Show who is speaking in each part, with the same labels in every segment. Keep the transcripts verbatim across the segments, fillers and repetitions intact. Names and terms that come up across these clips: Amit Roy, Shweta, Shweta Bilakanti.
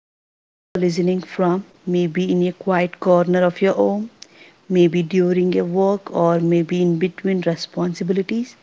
Speaker 1: Wherever you are listening from, maybe in a quiet corner of your home, maybe during a work, or maybe in between responsibilities,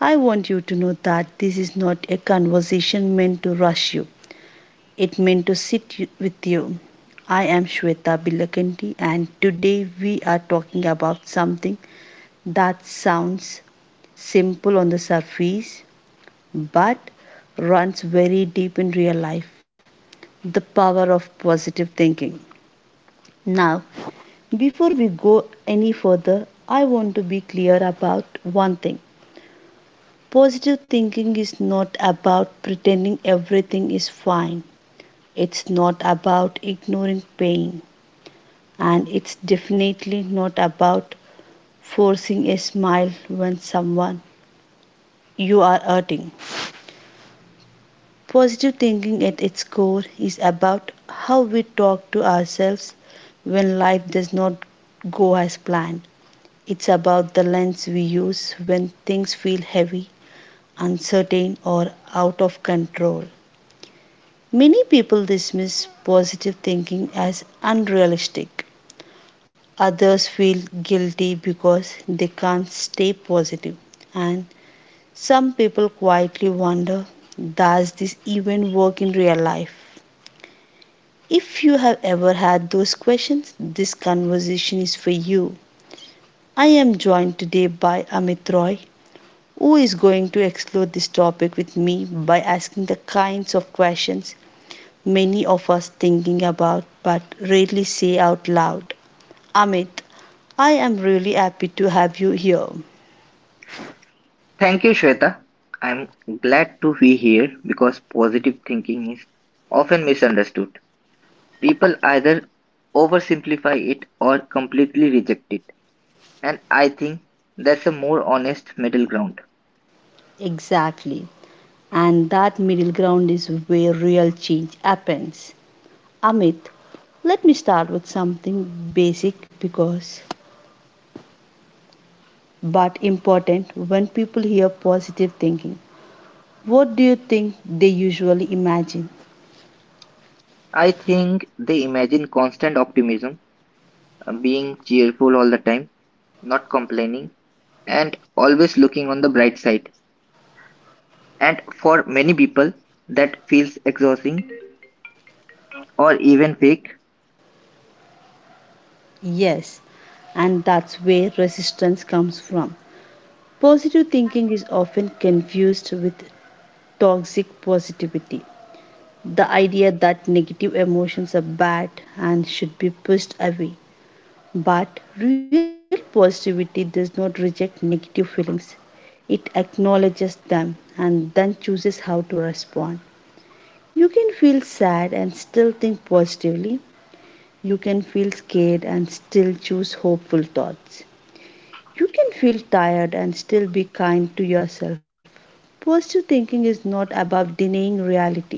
Speaker 1: I want you to know that this is not a conversation meant to rush you. It meant to sit you- with you. I am Shweta Bilakanti, and today we are talking about something that sounds simple on the surface but runs very deep in real life, the power of positive thinking. Now, before we go any further, I want to be clear about one thing. Positive thinking is not about pretending everything is fine. It's not about ignoring pain. And it's definitely not about forcing a smile when someone you are hurting. Positive thinking at its core is about how we talk to ourselves when life does not go as planned. It's about the lens we use when things feel heavy, uncertain, or out of control. Many people dismiss positive thinking as unrealistic. Others feel guilty because they can't stay positive. And some people quietly wonder, does this even work in real life? If you have ever had those questions, this conversation is for you. I am joined today by Amit Roy, who is going to explore this topic with me by asking the kinds of questions many of us thinking about but rarely say out loud. Amit, I am really happy to have you here.
Speaker 2: Thank you, Shweta. I'm glad to be here because positive thinking is often misunderstood. People either oversimplify it or completely reject it, and I think that's a more honest middle ground.
Speaker 1: Exactly. And that middle ground is where real change happens. Amit, let me start with something basic because but important when people hear positive thinking. What do you think they usually imagine?
Speaker 2: I think they imagine constant optimism, uh, being cheerful all the time, not complaining, and always looking on the bright side. And for many people, that feels exhausting or even fake
Speaker 1: Yes, and that's where resistance comes from. Positive thinking is often confused with toxic positivity, the idea that negative emotions are bad and should be pushed away. But real positivity does not reject negative feelings, it acknowledges them and then chooses how to respond. You can feel sad and still think positively. You can feel scared and still choose hopeful thoughts. You can feel tired and still be kind to yourself. Positive thinking is not about denying reality.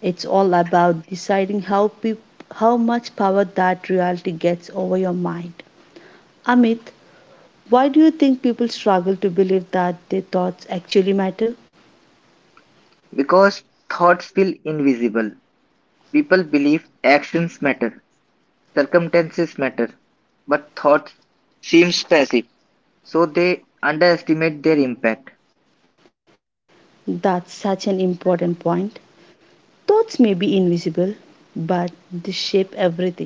Speaker 1: It's all about deciding how peop- how much power that reality gets over your mind. Amit, why do you think people struggle to believe that their thoughts actually matter?
Speaker 2: because thoughts feel invisible. People believe actions matter, circumstances matter, but thoughts seems passive, so they underestimate their impact.
Speaker 1: That's such an important point. Thoughts may be invisible, but they shape everything.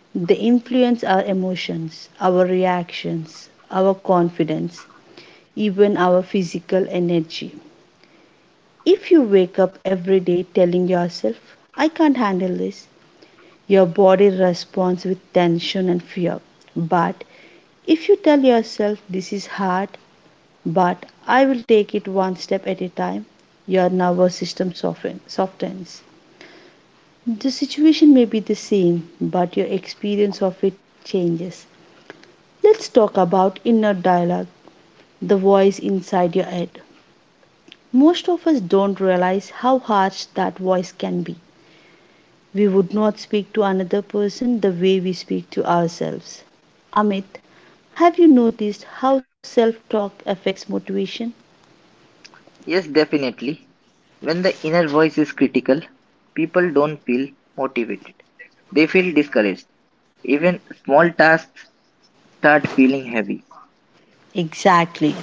Speaker 1: They influence our emotions, our reactions, our confidence, even our physical energy. If you wake up every day telling yourself, I can't handle this, your body responds with tension and fear. But if you tell yourself, This is hard, but I will take it one step at a time, your nervous system soften- softens. The situation may be the same, but your experience of it changes. Let's talk about inner dialogue, the voice inside your head. Most of us don't realize how harsh that voice can be. We would not speak to another person the way we speak to ourselves. Amit, have you noticed how self talk affects motivation?
Speaker 2: Yes, definitely. When the inner voice is critical, people don't feel motivated. They feel discouraged. Even small tasks start feeling heavy.
Speaker 1: Exactly.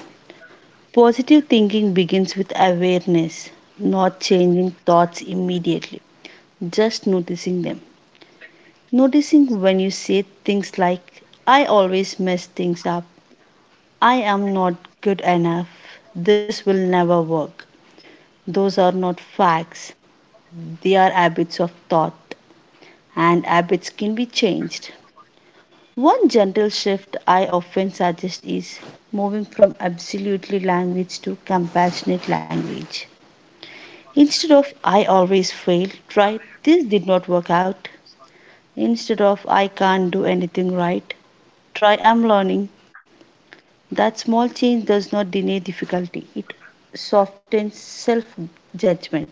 Speaker 1: Positive thinking begins with awareness, not changing thoughts immediately, just noticing them. Noticing when you say things like, I always mess things up, I am not good enough, this will never work. Those are not facts, they are habits of thought, and habits can be changed. One gentle shift I often suggest is moving from absolutely language to compassionate language. Instead of I always fail, try this did not work out. Instead of I can't do anything right, try I'm learning. That small change does not deny difficulty, it softens self judgment.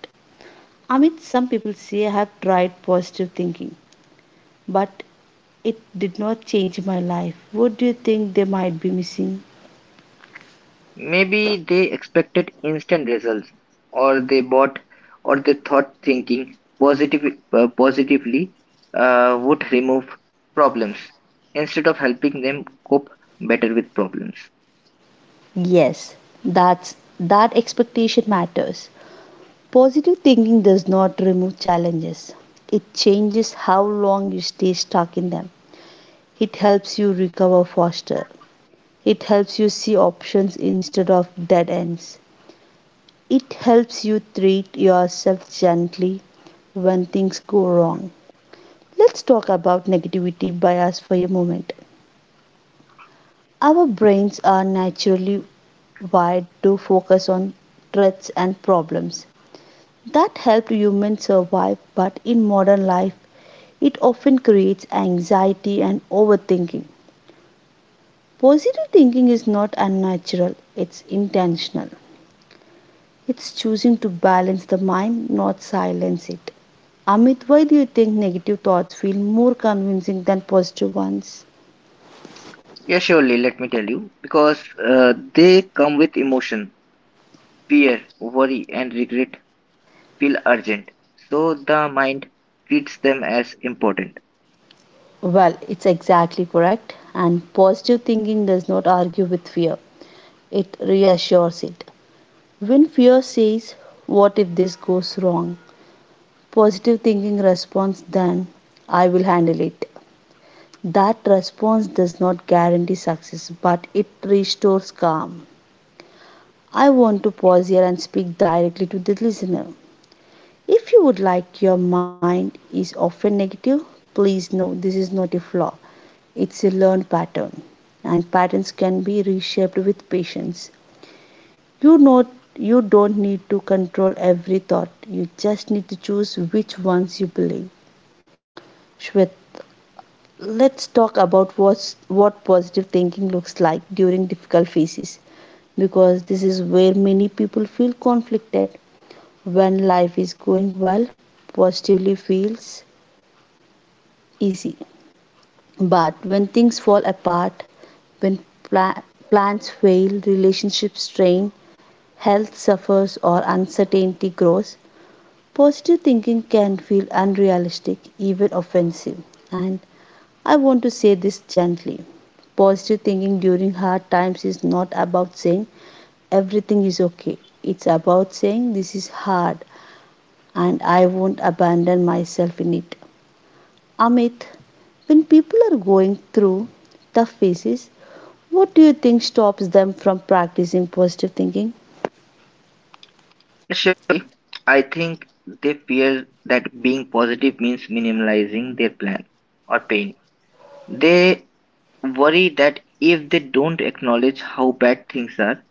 Speaker 1: Amit, some people say I have tried positive thinking, but it did not change my life. What do you think they might be missing?
Speaker 2: Maybe they expected instant results, or they bought, or they thought thinking positive, uh, positively uh, would remove problems instead of helping them cope better with problems.
Speaker 1: Yes, that's that expectation matters. Positive thinking does not remove challenges. It changes how long you stay stuck in them. It helps you recover faster. It helps you see options instead of dead ends. It helps you treat yourself gently when things go wrong. Let's talk about negativity bias for a moment. Our brains are naturally wired to focus on threats and problems that helped humans survive, but in modern life, it often creates anxiety and overthinking. Positive thinking is not unnatural, it's intentional. It's choosing to balance the mind, not silence it. Amit, why do you think negative thoughts feel more convincing than positive ones?
Speaker 2: Yeah, surely, let me tell you, because uh, they come with emotion, fear, worry, and regret feel urgent. So the mind treats them as important.
Speaker 1: Well, it's exactly correct, and positive thinking does not argue with fear, it reassures it. When fear says, What if this goes wrong? Positive thinking responds, Then I will handle it. That response does not guarantee success, but it restores calm. I want to pause here and speak directly to the listener. If you would like your mind is often negative, please know this is not a flaw. It's a learned pattern and patterns can be reshaped with patience. You know, you don't need to control every thought. You just need to choose which ones you believe. Shwet, let's talk about what's, what positive thinking looks like during difficult phases because this is where many people feel conflicted. When life is going well, positively feels easy. But when things fall apart, when pla- plans fail, relationships strain, health suffers, or uncertainty grows, positive thinking can feel unrealistic, even offensive. And I want to say this gently. Positive thinking during hard times is not about saying everything is okay. It's about saying this is hard and I won't abandon myself in it. Amit, when people are going through tough phases, what do you think stops them from practicing positive thinking?
Speaker 2: Surely, I think they fear that being positive means minimalizing their plan or pain. They worry that if they don't acknowledge how bad things are,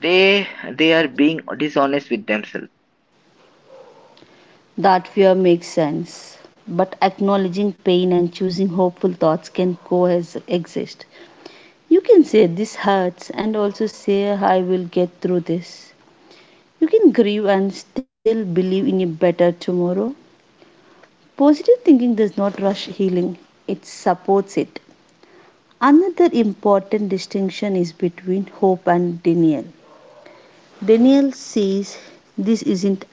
Speaker 2: they they are being dishonest with themselves.
Speaker 1: That fear makes sense. But acknowledging pain and choosing hopeful thoughts can coexist. You can say this hurts and also say I will get through this. You can grieve and still believe in a better tomorrow. Positive thinking does not rush healing, it supports it. Another important distinction is between hope and denial. Denial says this isn't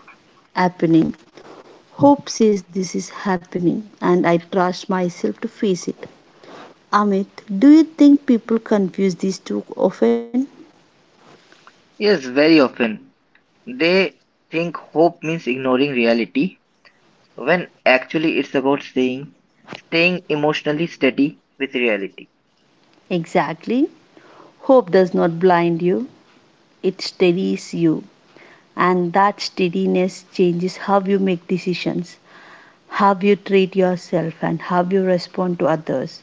Speaker 1: happening. Hope says this is happening and I trust myself to face it. Amit, do you think people confuse these two often?
Speaker 2: Yes, very often they think hope means ignoring reality when actually it's about staying staying emotionally steady with reality.
Speaker 1: Exactly. Hope does not blind you, it steadies you. And that steadiness changes how you make decisions, how you treat yourself, and how you respond to others.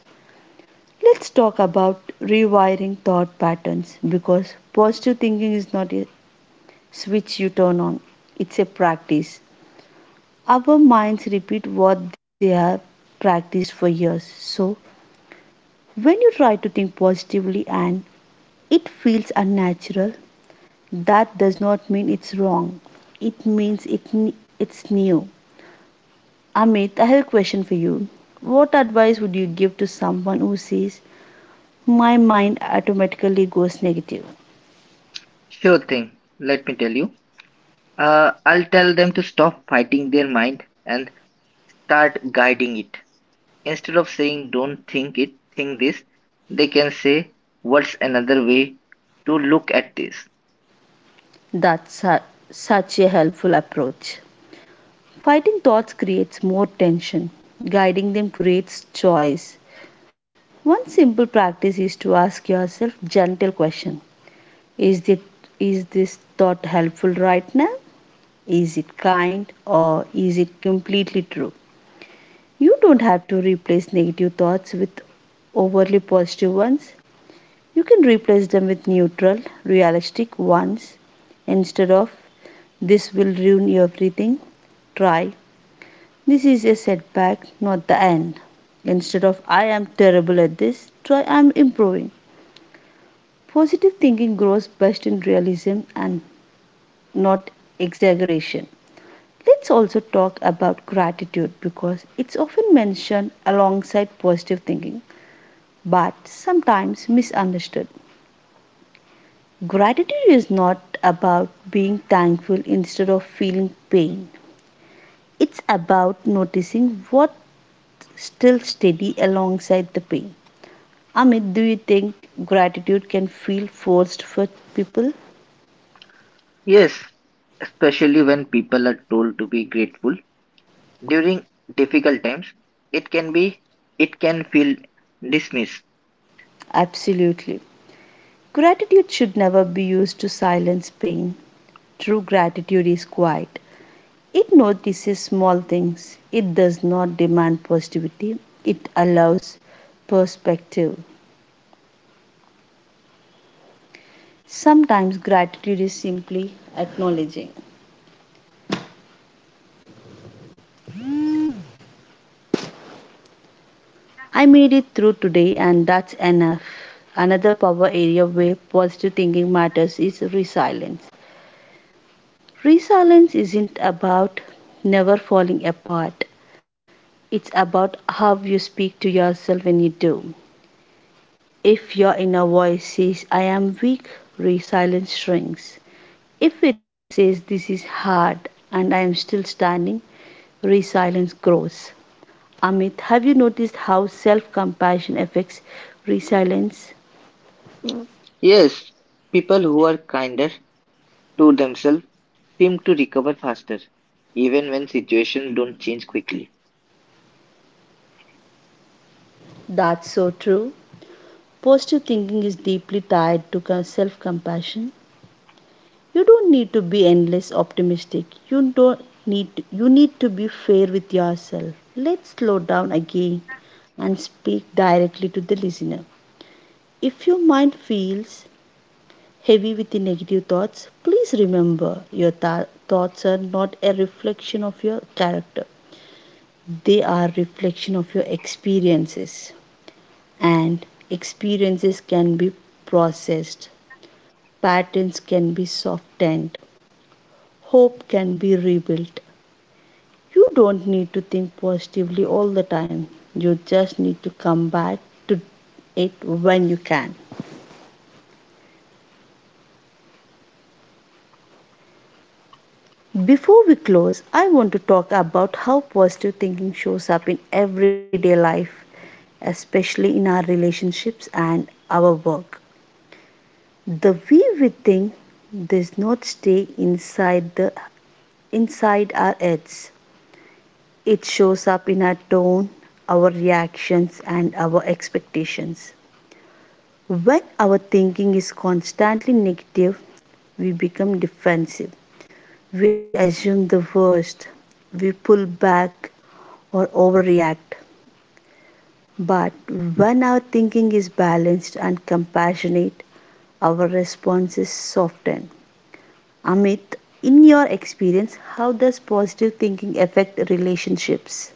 Speaker 1: Let's talk about rewiring thought patterns because positive thinking is not a switch you turn on, it's a practice. Our minds repeat what they have practiced for years. So, when you try to think positively and it feels unnatural, that does not mean it's wrong. It means it, ne- it's new. Amit, I have a question for you. What advice would you give to someone who says, My mind automatically goes negative?
Speaker 2: Sure thing. Let me tell you. Uh, I'll tell them to stop fighting their mind and start guiding it. Instead of saying don't think it, think this, they can say what's another way to look at this.
Speaker 1: That's su- such a helpful approach. Fighting thoughts creates more tension, guiding them creates choice. One simple practice is to ask yourself gentle question. Is it is this thought helpful right now? Is it kind or is it completely true? You don't have to replace negative thoughts with overly positive ones. You can replace them with neutral, realistic ones instead of This will ruin everything. Try. This is a setback, not the end. Instead of I am terrible at this, try I am improving. Positive thinking grows best in realism and not exaggeration. Let's also talk about gratitude because it's often mentioned alongside positive thinking but sometimes misunderstood. Gratitude is not about being thankful instead of feeling pain. It's about noticing what still steady alongside the pain. Amit, do you think gratitude can feel forced for people?
Speaker 2: Yes, especially when people are told to be grateful during difficult times, it can be it can feel dismissed.
Speaker 1: Absolutely. Gratitude should never be used to silence pain. True gratitude is quiet. It notices small things. It does not demand positivity. It allows perspective. Sometimes gratitude is simply acknowledging. I made it through today, and that's enough. Another power area where positive thinking matters is resilience. Resilience isn't about never falling apart, it's about how you speak to yourself when you do. If your inner voice says, I am weak, resilience shrinks. If it says, This is hard and I am still standing, resilience grows. Amit, have you noticed how self compassion affects resilience?
Speaker 2: Yes, people who are kinder to themselves seem to recover faster even when situations don't change quickly.
Speaker 1: That's so true. Positive thinking is deeply tied to self compassion. You don't need to be endless optimistic. You don't need you need to be fair with yourself. Let's slow down again and speak directly to the listener. If your mind feels heavy with the negative thoughts, please remember your tha- thoughts are not a reflection of your character. They are reflection of your experiences. And experiences can be processed, patterns can be softened, hope can be rebuilt. You don't need to think positively all the time, you just need to come back to it when you can. Before we close, I want to talk about how positive thinking shows up in everyday life, especially in our relationships and our work. The way we think does not stay inside the inside our heads. It shows up in our tone, our reactions, and our expectations. When our thinking is constantly negative, we become defensive, we assume the worst, we pull back or overreact. But when our thinking is balanced and compassionate, our response is softened. Amit, in your experience, how does positive thinking affect relationships?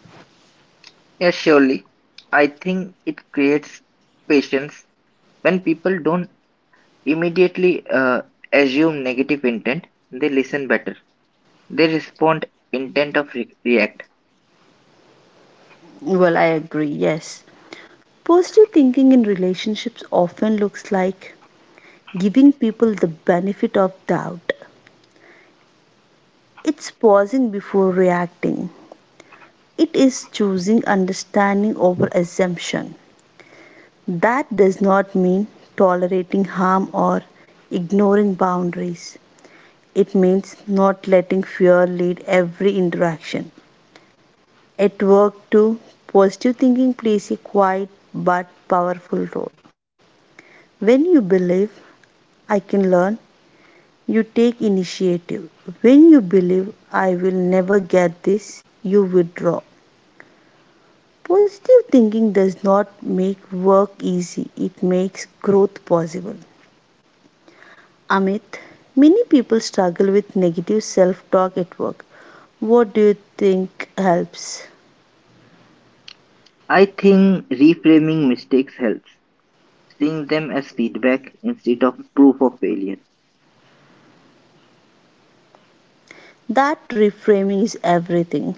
Speaker 2: Yes, surely. I think it creates patience when people don't immediately uh, assume negative intent, they listen better. They respond intent of re- react.
Speaker 1: Well, I agree, yes. Positive thinking in relationships often looks like giving people the benefit of doubt. It's pausing before reacting. It is choosing understanding over assumption. That does not mean tolerating harm or ignoring boundaries. It means not letting fear lead every interaction. At work, too, positive thinking plays a quiet but powerful role. When you believe I can learn, you take initiative. When you believe I will never get this, you withdraw. Positive thinking does not make work easy, it makes growth possible. Amit, many people struggle with negative self talk at work. What do you think helps?
Speaker 2: I think reframing mistakes helps, seeing them as feedback instead of proof of failure.
Speaker 1: That reframing is everything.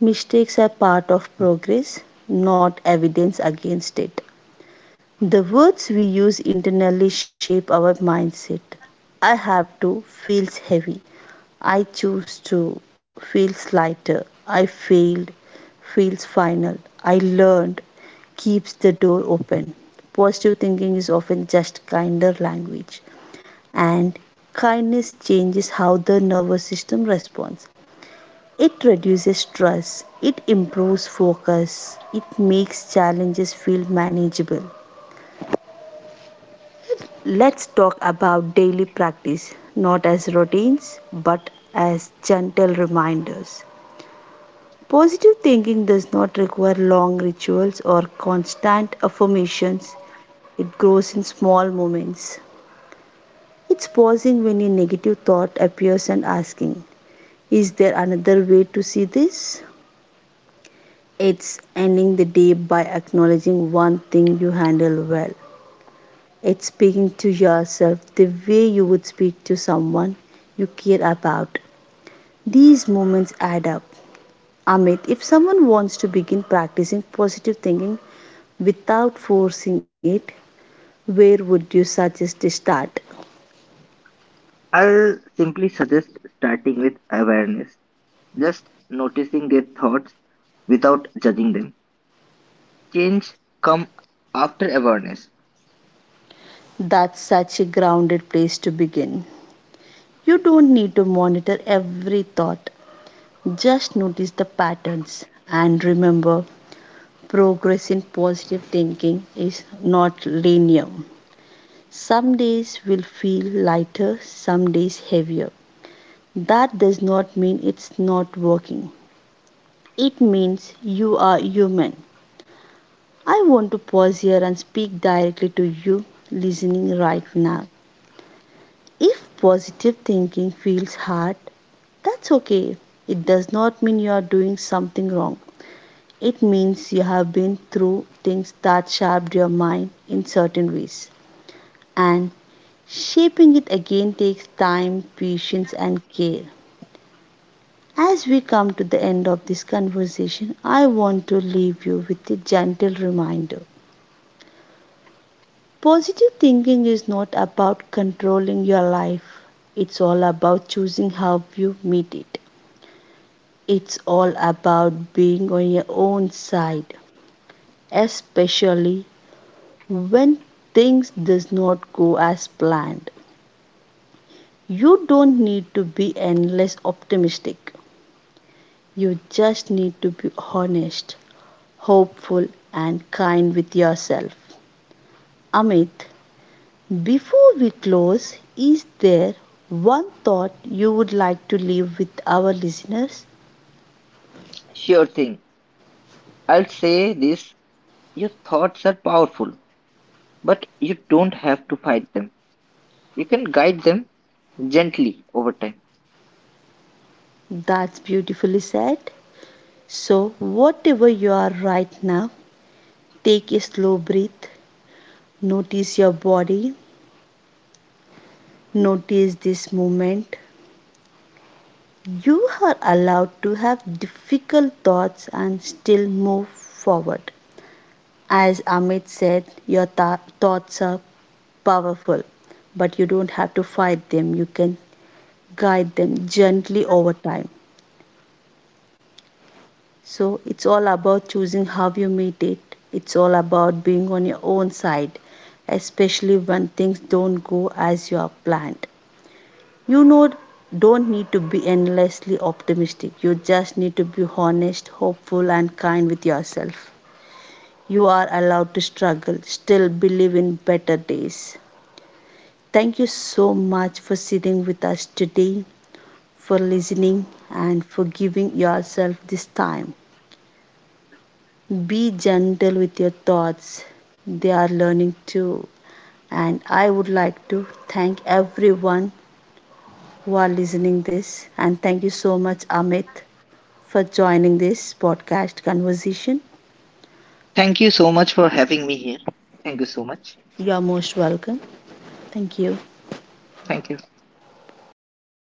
Speaker 1: Mistakes are part of progress, not evidence against it. The words we use internally shape our mindset. I have to feels heavy. I choose to feels lighter. I failed feels final. I learned keeps the door open. Positive thinking is often just kinder language, and kindness changes how the nervous system responds. It reduces stress, it improves focus, it makes challenges feel manageable. Let's talk about daily practice, not as routines, but as gentle reminders. Positive thinking does not require long rituals or constant affirmations, it grows in small moments. It's pausing when a negative thought appears and asking, is there another way to see this? It's ending the day by acknowledging one thing you handle well. It's speaking to yourself the way you would speak to someone you care about. These moments add up. Amit, if someone wants to begin practicing positive thinking without forcing it, where would you suggest to start?
Speaker 2: I'll simply suggest starting with awareness, just noticing their thoughts without judging them. Change come after awareness.
Speaker 1: That's such a grounded place to begin. You don't need to monitor every thought, just notice the patterns. And remember, progress in positive thinking is not linear. Some days will feel lighter, some days heavier. That does not mean it's not working. It means you are human. I want to pause here and speak directly to you listening right now. If positive thinking feels hard, that's okay. It does not mean you are doing something wrong. It means you have been through things that shaped your mind in certain ways. And shaping it again takes time, patience, and care. As we come to the end of this conversation, I want to leave you with a gentle reminder. Positive thinking is not about controlling your life, it's all about choosing how you meet it. It's all about being on your own side, especially when things does not go as planned. You don't need to be endless optimistic. You just need to be honest, hopeful, and kind with yourself. Amit, before we close, is there one thought you would like to leave with our listeners?
Speaker 2: Sure thing. I'll say this, your thoughts are powerful, but you don't have to fight them. You can guide them gently over time.
Speaker 1: That's beautifully said. So, whatever you are right now, take a slow breath, notice your body, notice this moment. You are allowed to have difficult thoughts and still move forward. As Amit said, your tha- thoughts are powerful, but you don't have to fight them. You can guide them gently over time. So it's all about choosing how you meet it. It's all about being on your own side, especially when things don't go as you have planned. You know, don't need to be endlessly optimistic. You just need to be honest, hopeful, and kind with yourself. You are allowed to struggle, still believe in better days. Thank you so much for sitting with us today, for listening, and for giving yourself this time. Be gentle with your thoughts, they are learning too. And I would like to thank everyone who are listening this, and thank you so much Amit for joining this podcast conversation.
Speaker 2: Thank you so much for having me here. Thank you so much.
Speaker 1: You are most welcome. Thank you.
Speaker 2: Thank you.